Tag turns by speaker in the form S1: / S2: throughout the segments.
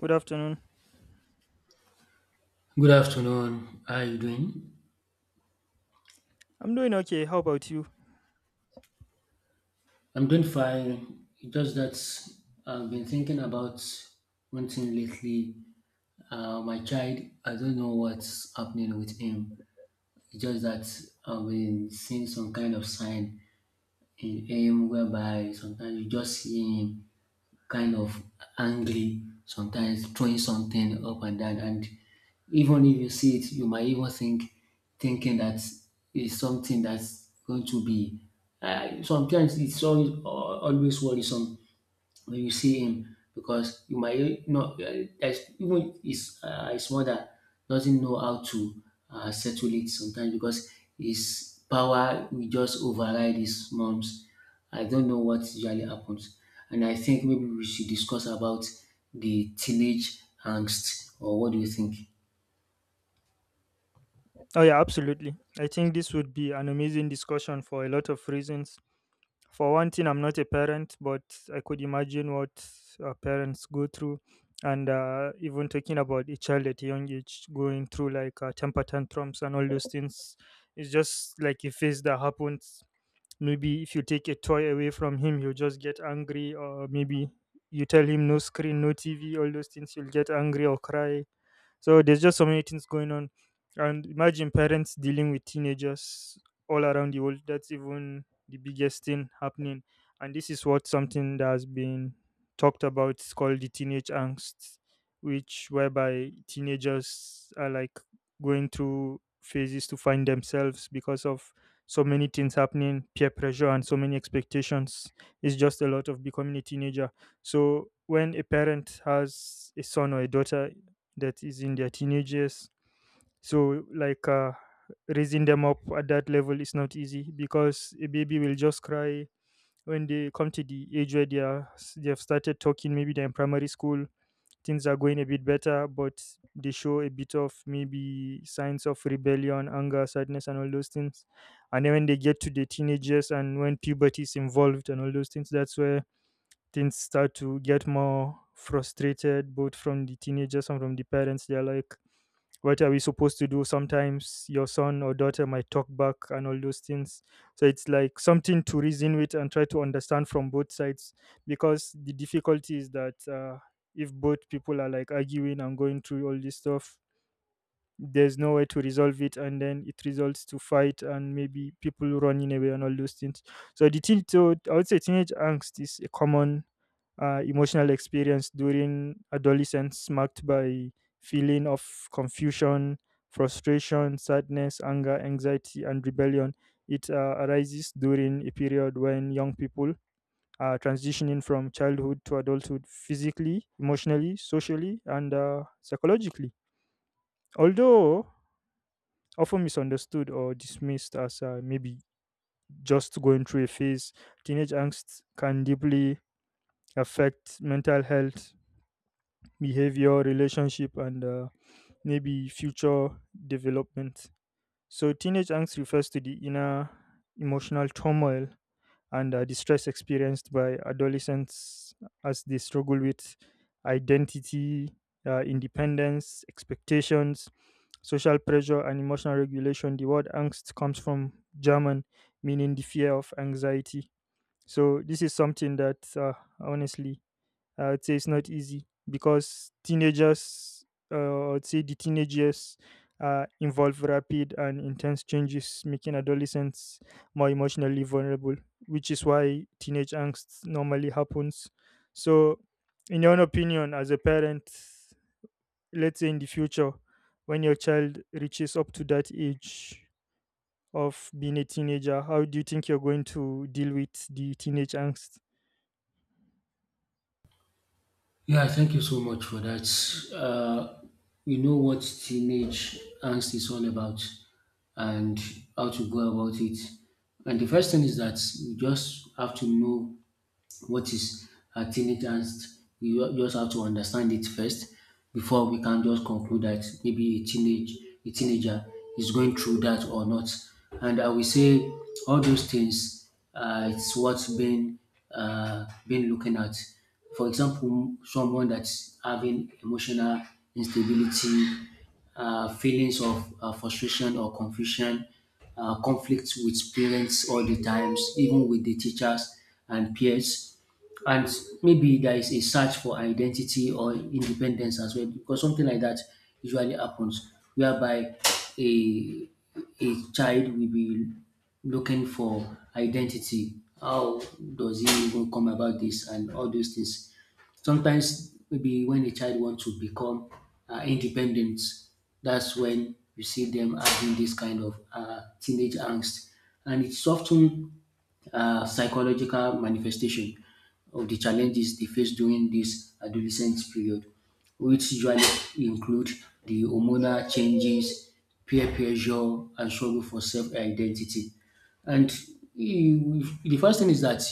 S1: Good afternoon.
S2: Good afternoon. How are you doing?
S1: I'm doing okay. How about you?
S2: I'm doing fine. It's just that I've been thinking about one thing lately. My child, I don't know what's happening with him. It's just that I've been seeing some kind of sign in him whereby sometimes you just see him kind of angry, sometimes throwing something up and down. And even if you see it, you might even think, thinking that is something that's going to be. Sometimes it's always, always worrisome when you see him because you might not there's even his mother doesn't know how to settle it sometimes because his power will just override his mom's. I don't know what usually happens, and I think maybe we should discuss about the teenage angst, or what do you think?
S1: Oh, yeah, absolutely. I think this would be an amazing discussion for a lot of reasons. For one thing, I'm not a parent, but I could imagine what parents go through. And Even talking about a child at a young age going through like temper tantrums and all those things, it's just like a phase that happens. Maybe if you take a toy away from him, he'll just get angry, or maybe you tell him no screen, no TV, all those things, he'll get angry or cry, so there's just so many things going on. And imagine parents dealing with teenagers all around the world. That's even the biggest thing happening. And this is what something that has been talked about is called the teenage angst, which whereby teenagers are like going through phases to find themselves because of so many things happening, peer pressure and so many expectations. It's just a lot of becoming a teenager. So when a parent has a son or a daughter that is in their teenage years. So, raising them up at that level is not easy because a baby will just cry when they come to the age where they have started talking. Maybe they're in primary school, things are going a bit better, but they show a bit of maybe signs of rebellion, anger, sadness, and all those things. And then when they get to the teenagers and when puberty is involved and all those things, that's where things start to get more frustrated, both from the teenagers and from the parents. They're like, what are we supposed to do? Sometimes your son or daughter might talk back and all those things, so it's like something to reason with and try to understand from both sides, because the difficulty is that, if both people are like arguing and going through all this stuff, there's no way to resolve it, and then it results to fight and maybe people running away and all those things. So I would say teenage angst is a common, emotional experience during adolescence marked by feeling of confusion, frustration, sadness, anger, anxiety, and rebellion. It arises during a period when young people are transitioning from childhood to adulthood physically, emotionally, socially, and psychologically. Although often misunderstood or dismissed as maybe just going through a phase, teenage angst can deeply affect mental health, behavior, relationship, and, maybe future development. So, teenage angst refers to the inner emotional turmoil and, distress experienced by adolescents as they struggle with identity, independence, expectations, social pressure, and emotional regulation. The word angst comes from German, meaning the fear of anxiety. So, this is something that, honestly, I would say it's not easy because teenagers, I would say the teenage years involve rapid and intense changes, making adolescents more emotionally vulnerable, which is why teenage angst normally happens. So, in your own opinion, as a parent, let's say in the future, when your child reaches up to that age of being a teenager, how do you think you're going to deal with the teenage angst?
S2: Yeah, thank you so much for that. Uh, we know what teenage angst is all about and how to go about it. And the first thing is that we just have to know what is a teenage angst. We just have to understand it first before we can just conclude that maybe a teenager is going through that or not. And I will say all those things, it's what's been looking at. For example, someone that's having emotional instability, feelings of frustration or confusion, conflicts with parents all the times, even with the teachers and peers. And maybe there is a search for identity or independence as well, because something like that usually happens, whereby a a child will be looking for identity. How does he even come about this and all those things? Sometimes maybe when a child wants to become independent, that's when you see them having this kind of teenage angst, and it's often psychological manifestation of the challenges they face during this adolescent period, which usually include the hormonal changes, peer pressure, and struggle for self identity. And the first thing is that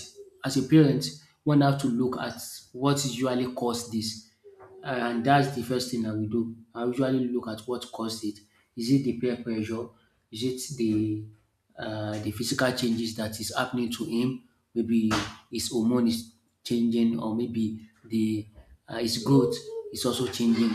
S2: as a parent, one have to look at what usually caused this. And that's the first thing I will do. I usually look at what caused it. Is it the peer pressure? Is it the physical changes that is happening to him? Maybe his hormone is changing, or maybe the his growth is also changing,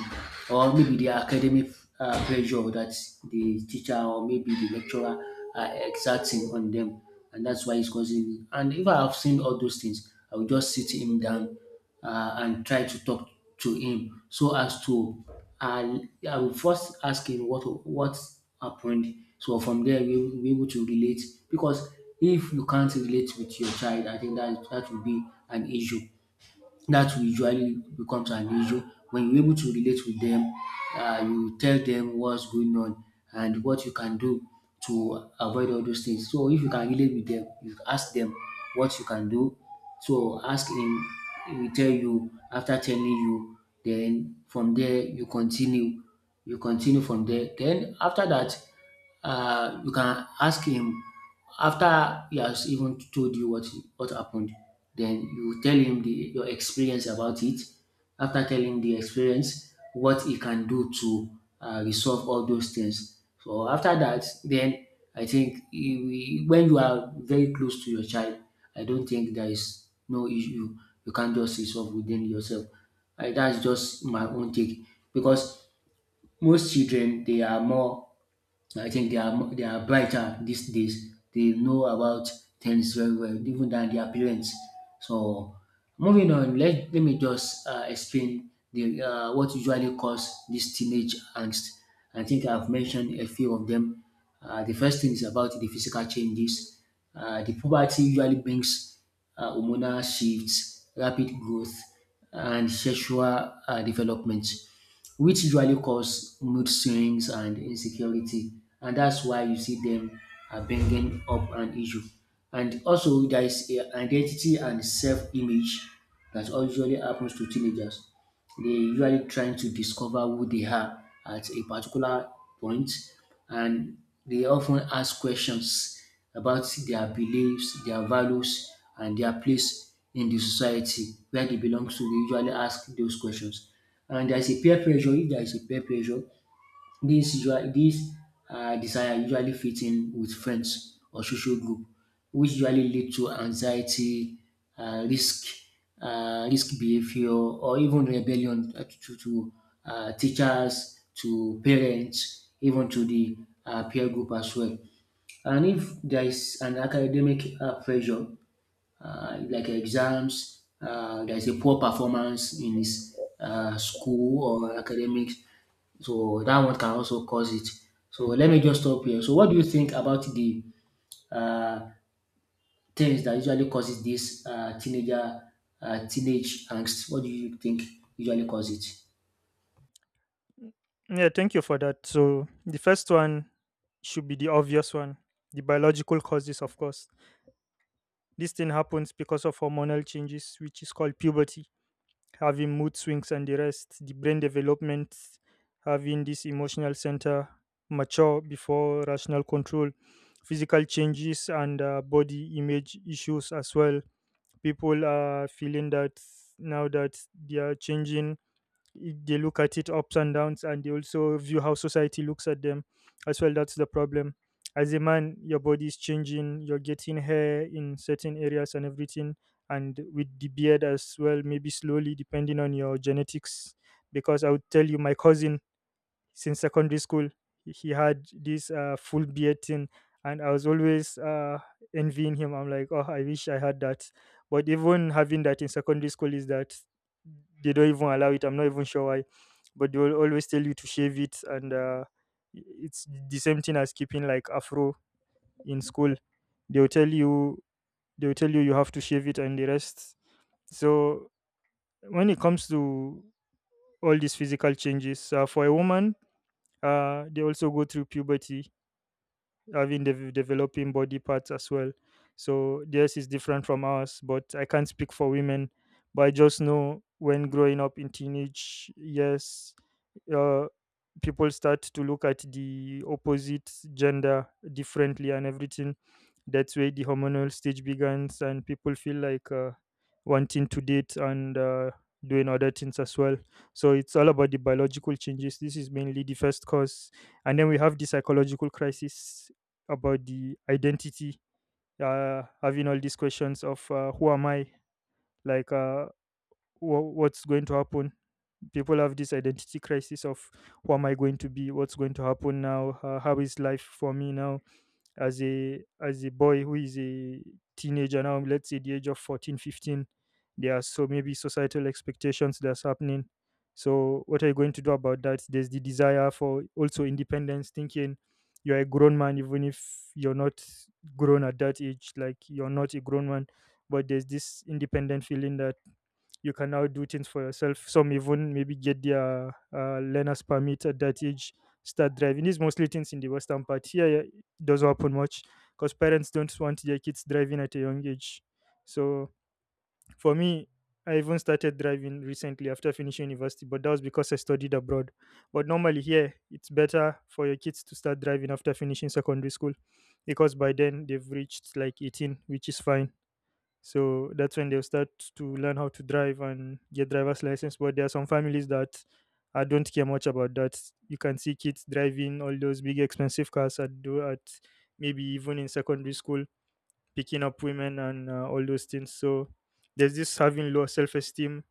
S2: or maybe the academic pressure that the teacher or maybe the lecturer are exerting on them, and that's why it's causing. And if I have seen all those things, I will just sit him down and try to talk to him so as to uh, I will first ask him what happened. So from there we will be able to relate, because if you can't relate with your child, I think that that will be an issue. That will usually becomes an issue when you're able to relate with them. You tell them what's going on and what you can do to avoid all those things. So if you can relate with them, you ask them what you can do, so ask him, he will tell you. After telling you, then from there you continue. You continue from there. Then after that, you can ask him after he has even told you what happened. Then you tell him your experience about it, after telling the experience what he can do to resolve all those things. So after that, then I think when you are very close to your child, I don't think there is no issue you can't just resolve within yourself. That's just my own take, because most children, they are more, I think. They are they are brighter these days. They know about things very well, even than their parents. So moving on, let me just explain the what usually cause this teenage angst. I think I've mentioned a few of them. The first thing is about the physical changes. The puberty usually brings hormonal shifts, rapid growth, and sexual development, which usually cause mood swings and insecurity, and that's why you see them are bringing up an issue. And also, there is a identity and self-image that usually happens to teenagers. They usually trying to discover who they are at a particular point, and they often ask questions about their beliefs, their values, and their place in the society where they belong to. They usually ask those questions. And there's a peer pressure. If there is a peer pressure, this usual this desire usually fit in with friends or social group, which usually lead to anxiety, um risk risk behaviour, or even rebellion to teachers, to parents, even to the peer group as well. And if there is an academic pressure, like exams, there's a poor performance in his school or academics. So that one can also cause it. So let me just stop here. So what do you think about the uh, things that usually causes this teenage angst? What do you think usually causes it?
S1: Yeah, thank you for that. So the first one should be the obvious one, the biological causes, of course. This thing happens because of hormonal changes, which is called puberty. Having mood swings and the rest, the brain development, having this emotional center mature before rational control, physical changes, and, body image issues as well. People are feeling that now that they are changing, they look at it ups and downs, and they also view how society looks at them as well. That's the problem. As a man, your body is changing, you're getting hair in certain areas and everything, and with the beard as well, maybe slowly, depending on your genetics. Because I would tell you, my cousin, since secondary school, he had this full beard thing, and I was always, envying him. I'm like, oh, I wish I had that. But even having that in secondary school is that they don't even allow it. I'm not even sure why, but they will always tell you to shave it, and, it's the same thing as keeping like afro in school. They will tell you they will tell you you have to shave it and the rest. So when it comes to all these physical changes, for a woman, they also go through puberty, having the developing body parts as well. So theirs is different from ours, but I can't speak for women. But I just know, when growing up in teenage years, uh, people start to look at the opposite gender differently and everything. That's where the hormonal stage begins, and people feel like, wanting to date and, doing other things as well. So it's all about the biological changes. This is mainly the first cause, and then we have the psychological crisis about the identity, having all these questions of, who am I, like what's going to happen. People have this identity crisis of who am I going to be, what's going to happen now, how is life for me now, as a boy who is a teenager now. Let's say the age of 14, 15, there are so maybe societal expectations that's happening. So what are you going to do about that? There's the desire for also independence, thinking you're a grown man even if you're not grown at that age, like you're not a grown man, but there's this independent feeling that you can now do things for yourself. Some even maybe get their learner's permit at that age, start driving. These mostly things in the Western part. Here, yeah, it doesn't happen much because parents don't want their kids driving at a young age. So for me, I even started driving recently after finishing university, but that was because I studied abroad. But normally here, it's better for your kids to start driving after finishing secondary school, because by then they've reached like 18, which is fine. So that's when they'll start to learn how to drive and get driver's license. But there are some families that I don't care much about that. You can see kids driving all those big expensive cars at do at maybe even in secondary school, picking up women and, all those things. So there's this having low self-esteem,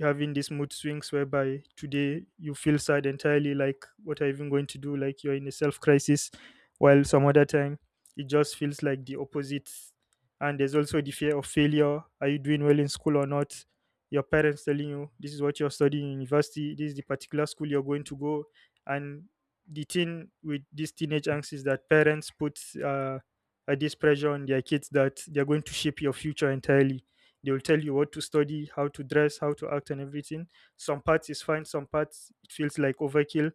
S1: having these mood swings, whereby today you feel sad entirely, like what are you even going to do, like you're in a self crisis, while some other time it just feels like the opposite. And there's also the fear of failure. Are you doing well in school or not? Your parents telling you this is what you're studying in university, this is the particular school you're going to go. And the thing with this teenage angst is that parents put, this pressure on their kids that they're going to shape your future entirely. They will tell you what to study, how to dress, how to act and everything. Some parts is fine, some parts it feels like overkill,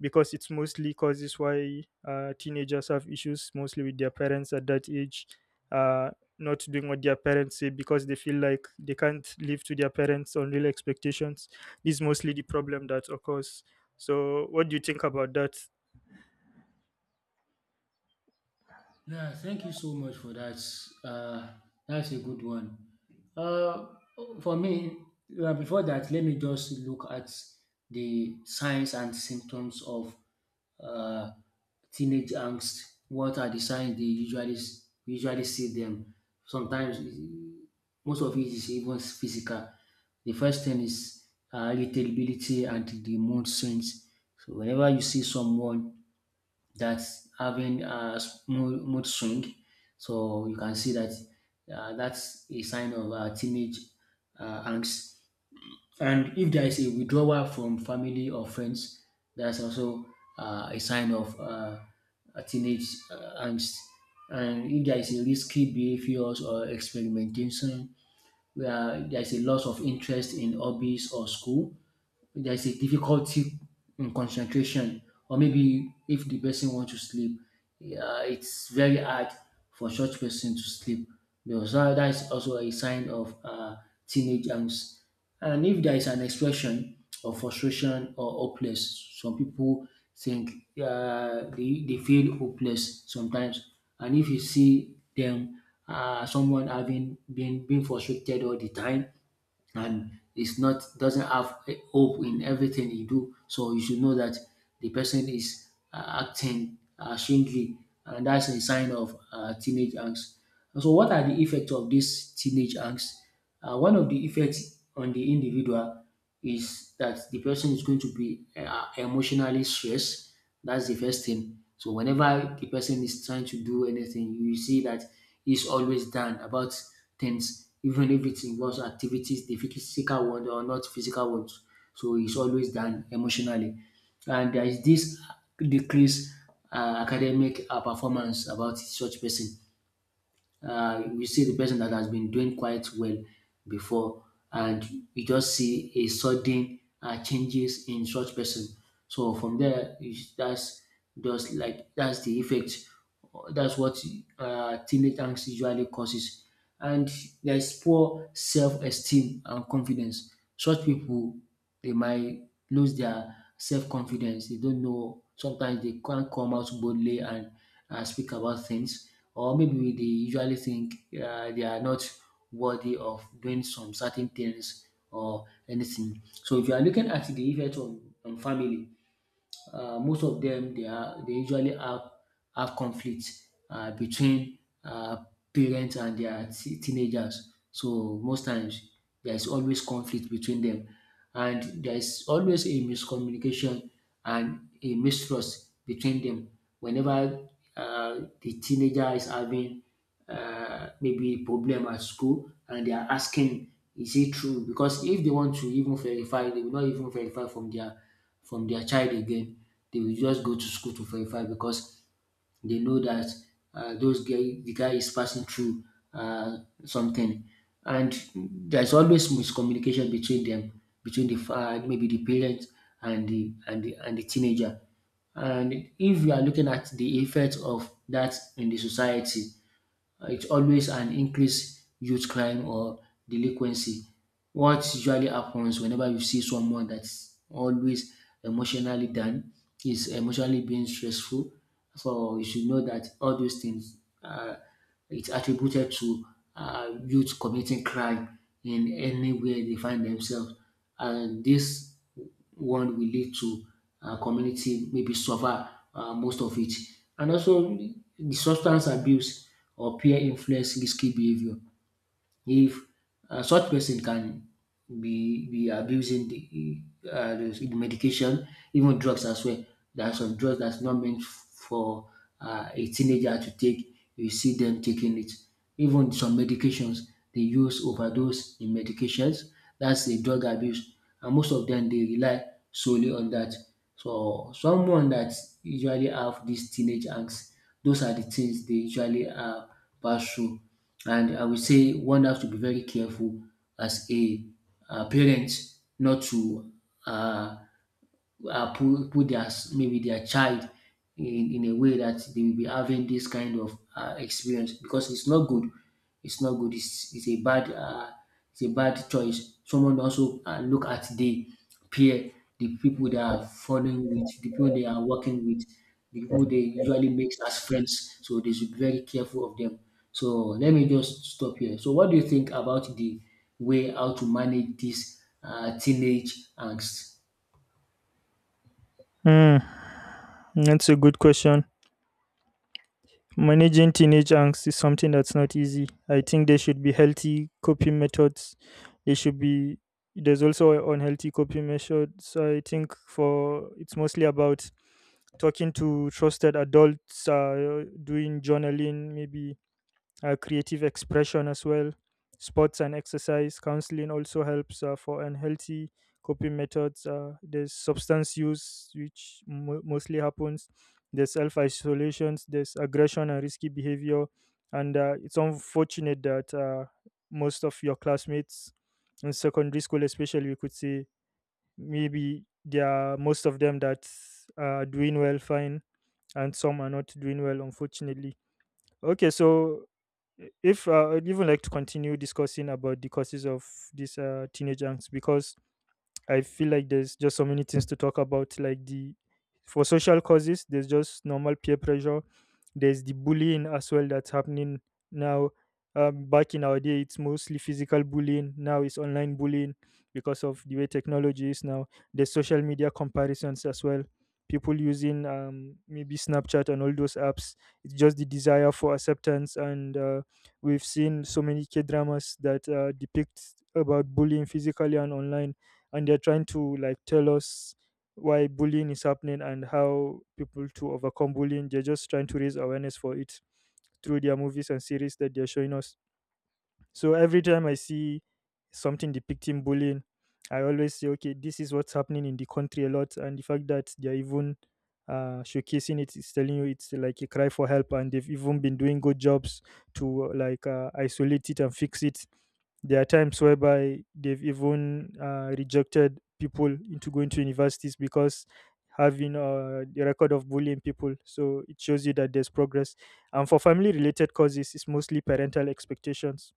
S1: because it's mostly causes why, teenagers have issues mostly with their parents at that age, uh, not doing what their parents say because they feel like they can't live to their parents unreal expectations. This is mostly the problem that occurs. So what do you think about that?
S2: Yeah, thank you so much for that. That's a good one. Uh, for me, before that, let me just look at the signs and symptoms of uh, teenage angst. What are the signs they usually we usually see them? Sometimes, most of it is even physical. The first thing is irritability and the mood swings. So whenever you see someone that's having a mood swing. So you can see that that's a sign of teenage angst. And if there is a withdrawal from family or friends, that's also a sign of a teenage angst. And if there is a risky behaviors or experimentation, where there is a loss of interest in hobbies or school, there's a difficulty in concentration, or maybe if the person want to sleep, yeah, it's very hard for such person to sleep, because that is also a sign of teenage angst. And if there is an expression of frustration or hopeless, some people think they feel hopeless sometimes. And if you see them, someone having been frustrated all the time, and is not doesn't have a hope in everything he do. So you should know that the person is acting strangely, and that's a sign of teenage angst. And so, what are the effects of this teenage angst? One of the effects on the individual is that the person is going to be emotionally stressed. That's the first thing. So whenever the person is trying to do anything, you see that he's always down about things, even if it involves activities, the physical ones or not physical ones. So he's always down emotionally. And there is this decreased academic performance about such person. We see the person that has been doing quite well before, and you just see a sudden changes in such person. So from there that's just like, that's the effect. That's what teenage angst usually causes. And there's poor self-esteem and confidence. Such people, they might lose their self-confidence. They don't know sometimes, they can't come out boldly and speak about things, or maybe they usually think they are not worthy of doing some certain things or anything. So if you are looking at the effect on, family, most of them, they usually have conflict between uh, parents and their teenagers. So most times there is always conflict between them, and there is always a miscommunication and a mistrust between them. Whenever the teenager is having maybe problem at school and they are asking, is it true? Because if they want to even verify, they will not even verify from their child again. They will just go to school to verify, because they know that the guy is passing through uh, something, and there's always miscommunication between them, between the maybe the parent and the teenager. And if you are looking at the effect of that in the society, It's always an increased youth crime or delinquency. What usually happens whenever you see someone that's always emotionally down, is emotionally being stressful. So you should know that all those things, it's attributed to youth committing crime in anywhere they find themselves, and this one will lead to our community maybe suffer most of it. And also, the substance abuse or peer influence risky behavior. If such person can be abusing the medication, even drugs as well. There are some drugs that's not meant for a teenager to take. You see them taking it. Even some medications they use overdose in medications. That's a drug abuse, and most of them they rely solely on that. So someone that usually have this teenage angst, those are the things they usually pass through, and I would say one has to be very careful as a parent not to uh, put their maybe their child in a way that they will be having this kind of experience, because it's not good. It's not good. It's a bad, it's a bad choice. Someone also look at the peer, the people they are falling with, the people they are working with, the people they usually make as friends. So they should be very careful of them. So let me just stop here. So what do you think about the way how to manage this teenage angst?
S1: Hmm, that's a good question. Managing teenage angst is something that's not easy. I think there should be healthy coping methods. There should be There's also unhealthy coping methods. So I think for it's mostly about talking to trusted adults, doing journaling, maybe, creative expression as well. Sports and exercise counseling also helps. For unhealthy coping methods, there's substance use, which mo mostly happens. There's self isolations. There's aggression and risky behavior. And, it's unfortunate that, most of your classmates in secondary school, especially, we could say maybe there are most of them that are doing well, fine, and some are not doing well, unfortunately. Okay, so if I'd even like to continue discussing about the causes of these, teenage angst, because I feel like there's just so many things to talk about. Like the for social causes, there's just normal peer pressure. There's the bullying as well that's happening now. Back in our day, it's mostly physical bullying. Now it's online bullying because of the way technology is now. There's social media comparisons as well. People using, maybe Snapchat and all those apps. It's just the desire for acceptance, and we've seen so many K dramas that depict about bullying physically and online, and they're trying to like tell us why bullying is happening and how people to overcome bullying. They're just trying to raise awareness for it through their movies and series that they're showing us. So every time I see something depicting bullying, I always say okay, this is what's happening in the country a lot, and the fact that they're even showcasing it is telling you it's like a cry for help, and they've even been doing good jobs to like isolate it and fix it. There are times whereby they've even rejected people into going to universities because having the record of bullying people. So it shows you that there's progress. And for family related causes, it's mostly parental expectations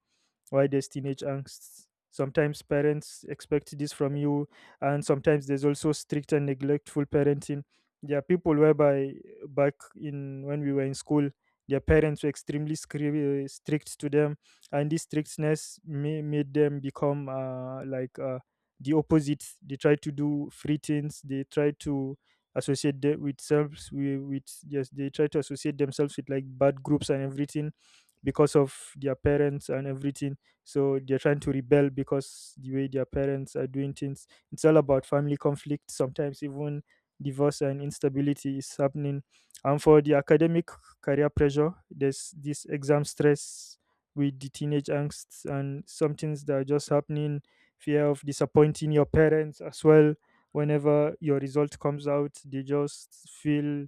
S1: why there's teenage angst. Sometimes parents expect this from you, and sometimes there's also strict and neglectful parenting. There are people whereby back in when we were in school, their parents were extremely strict to them, and this strictness made them become like the opposite. They try to do free things, they try to associate the- with selves with yes they try to associate themselves with like bad groups and everything because of their parents and everything. So they're trying to rebel, because the way their parents are doing things, it's all about family conflict, sometimes even divorce and instability is happening. And for the academic career pressure, there's this exam stress with the teenage angsts and some things that are just happening, fear of disappointing your parents as well. Whenever your result comes out, they just feel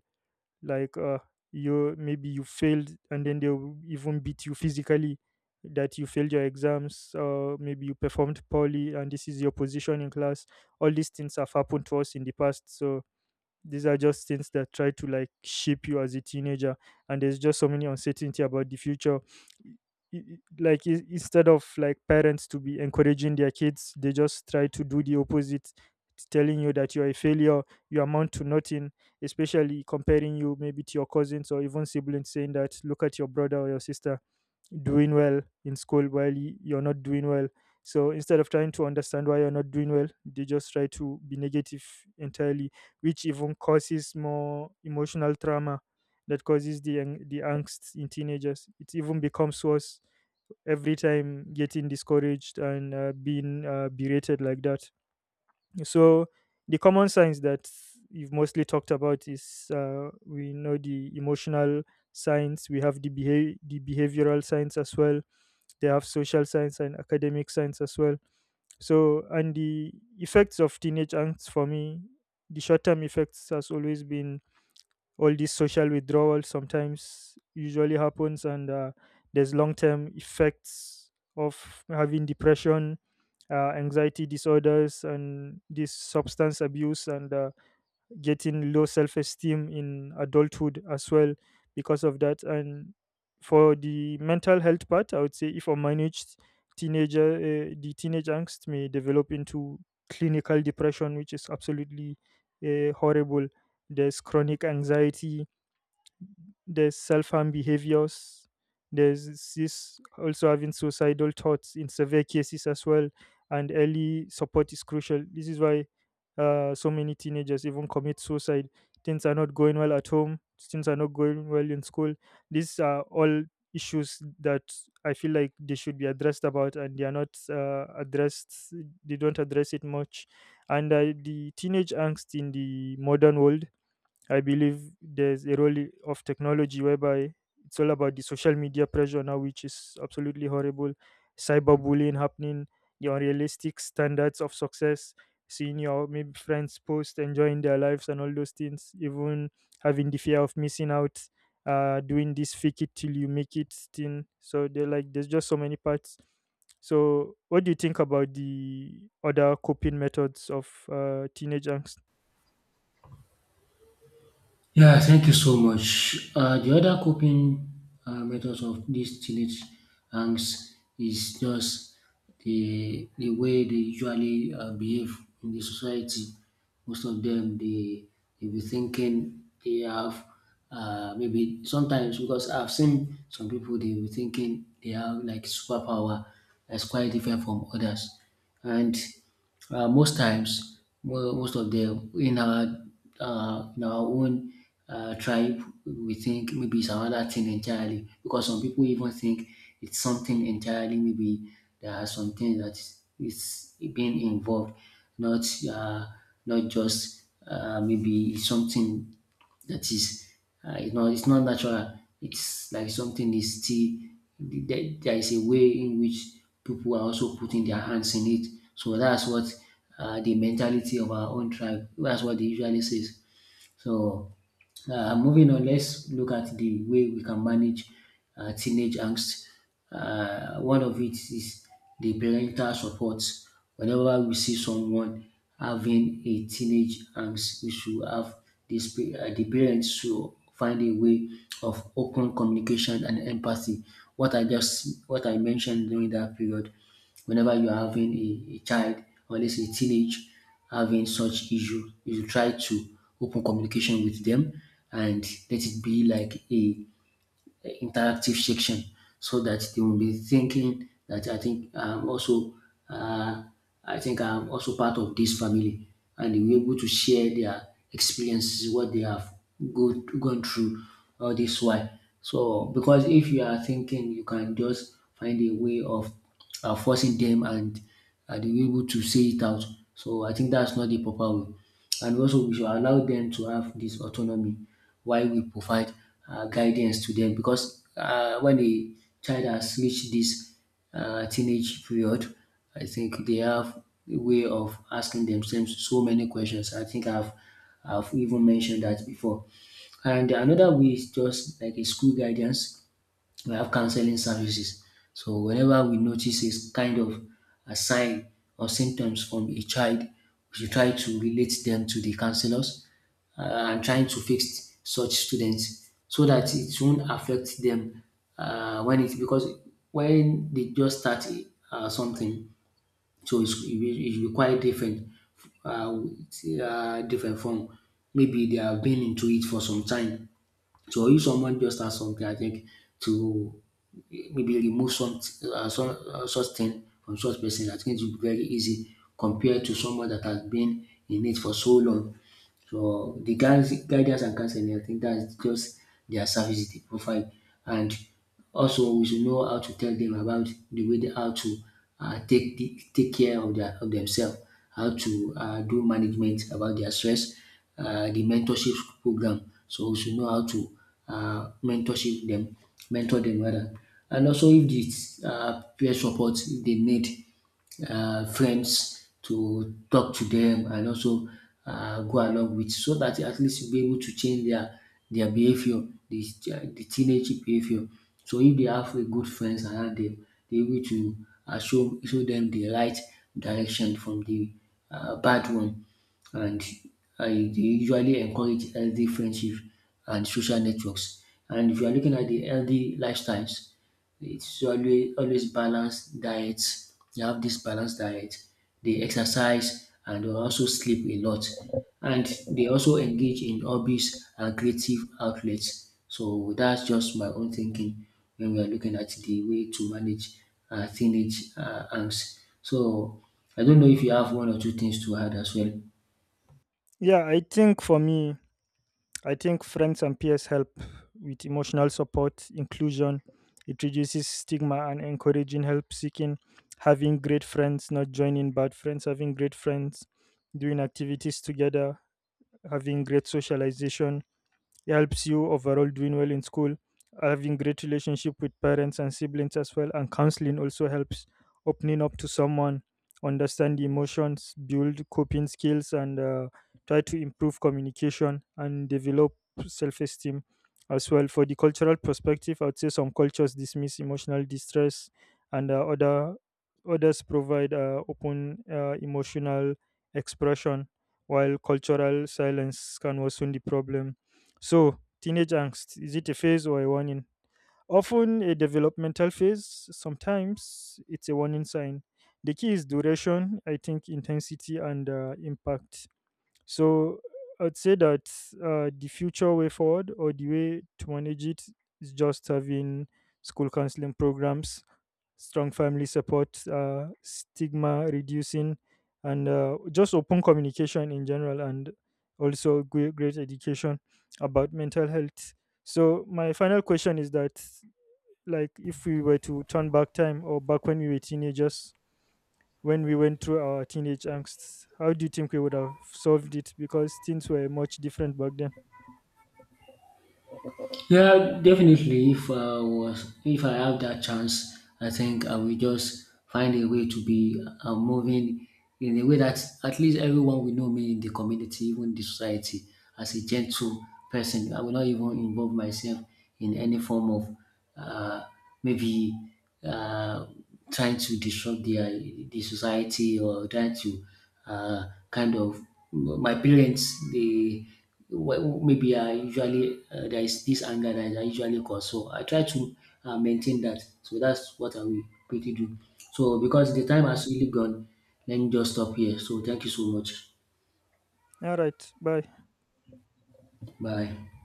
S1: like you maybe you failed, and then they'll even beat you physically that you failed your exams, or maybe you performed poorly, and this is your position in class. All these things have happened to us in the past, so these are just things that try to like shape you as a teenager, and there's just so many uncertainty about the future. Like instead of like parents to be encouraging their kids, they just try to do the opposite, telling you that you're a failure, you amount to nothing, especially comparing you maybe to your cousins or even siblings, saying that look at your brother or your sister doing well in school while you're not doing well. So instead of trying to understand why you're not doing well, they just try to be negative entirely, which even causes more emotional trauma that causes the the angst in teenagers. It even becomes worse every time, getting discouraged and being berated like that. So the common signs that you've mostly talked about is we know the emotional signs. We have the behavioral signs as well. They have social science and academic science as well. So, and the effects of teenage angst for me, the short term effects has always been all this social withdrawal sometimes usually happens, and there's long term effects of having depression, anxiety disorders, and this substance abuse, and getting low self esteem in adulthood as well because of that. And for the mental health part, I would say if unmanaged, teenager the teenage angst may develop into clinical depression, which is absolutely horrible. There's chronic anxiety, there's self-harm behaviors, there's this also having suicidal thoughts in severe cases as well, and early support is crucial. This is why so many teenagers even commit suicide. Things are not going well at home, things are not going well in school. These are all issues that I feel like they should be addressed about, and they are not addressed, they don't address it much. And the teenage angst in the modern world, I believe there's a role of technology whereby it's all about the social media pressure now, which is absolutely horrible. Cyberbullying happening, the unrealistic standards of success, seeing your maybe friends post, enjoying their lives, and all those things, even having the fear of missing out, doing this fake it till you make it thing. So they're like, there's just so many parts. So, what do you think about the other coping methods of teenage angst?
S2: Yeah, thank you so much. The other coping methods of these teenage angst is just the way they usually behave in the society. Most of them, they be thinking they have maybe sometimes, because I've seen some people they be thinking they have like superpower that's quite different from others. And most times most of them in our own tribe, we think maybe it's another thing entirely. Because some people even think it's something entirely. Maybe there are some things that is being involved, not uh, not just maybe something that is, you know, it's not natural. It's like something is still there. There is a way in which people are also putting their hands in it. So that's what, the mentality of our own tribe, that's what they usually says. So, moving on, let's look at the way we can manage teenage angst. One of it is the parental support. Whenever we see someone having a teenage angst, we should have this, the parents should find a way of open communication and empathy. What I just what I mentioned during that period, whenever you're having a child, or let's say teenage, having such issue, you should try to open communication with them and let it be like a interactive section, so that they will be thinking that I think I'm also uh, I think I'm also part of this family, and they will be able to share their experiences, what they have gone through all this while. So because if you are thinking you can just find a way of forcing them, and are they were able to say it out. So I think that's not the proper way. And also we should allow them to have this autonomy while we provide guidance to them, because when a child has reached this teenage period, I think they have a way of asking themselves so many questions. I think I've even mentioned that before. And another way is just like a school guidance, we have counseling services. So whenever we notice this kind of a sign or symptoms from a child, we should try to relate them to the counselors, uh, and trying to fix such students so that it won't affect them when it because when they just start something, so it's, it will be quite different, different from maybe they have been into it for some time. So if someone just has something, I think to maybe remove some such thing from such person, I think it will be very easy compared to someone that has been in it for so long. So the guys guidance and counseling, I think that's just their services they provide. And also we should know how to tell them about the way how to take the, take care of their of themselves, how to do management about their stress, the mentorship program. So we should know how to um mentorship dem mentor dem rather. And also if the peer support, if they need friends to talk to them and also go along with, so that at least you'll be able to change their behavior, the teenage behavior. So if they have a good friends around them, they're able to show them the right direction from the bad one. And I usually encourage healthy friendship and social networks. And if you are looking at the healthy lifestyles, it's always always balanced diets. You have this balanced diet. They exercise and they also sleep a lot, and they also engage in hobbies and creative outlets. So that's just my own thinking when we are looking at the way to manage teenage angst. So I don't know if you have one or two things to add as well.
S1: Yeah, I think for me, I think friends and peers help with emotional support, inclusion. It reduces stigma and encouraging help seeking, having great friends, not joining bad friends, having great friends, doing activities together, having great socialization, helps you overall doing well in school, having great relationship with parents and siblings as well. And counseling also helps, opening up to someone, understand the emotions, build coping skills, and try to improve communication and develop self-esteem as well. For the cultural perspective, I would say some cultures dismiss emotional distress, and other others provide open emotional expression, while cultural silence can worsen the problem. So, teenage angst, is it a phase or a warning? Often a developmental phase, sometimes it's a warning sign. The key is duration, I think, intensity, and impact. So, I'd say that the future way forward or the way to manage it is just having school counseling programs, strong family support, stigma reducing, and just open communication in general, and also great, great education about mental health. So my final question is that, like, if we were to turn back time or back when we were teenagers, when we went through our teenage angst, how do you think we would have solved it? Because things were much different back then.
S2: Yeah, definitely. If I have that chance, I think I will just find a way to be moving in a way that at least everyone will know me in the community, even the society, as a gentle person. I will not even involve myself in any form of uh, maybe uh, trying to disrupt the society, or trying to uh, kind of, my parents they well, maybe I usually there is this anger that I usually cause, so I try to maintain that. So that's what I will quickly do. So because the time has really gone, let me just stop here. So thank you so much.
S1: All right, bye.
S2: Bye.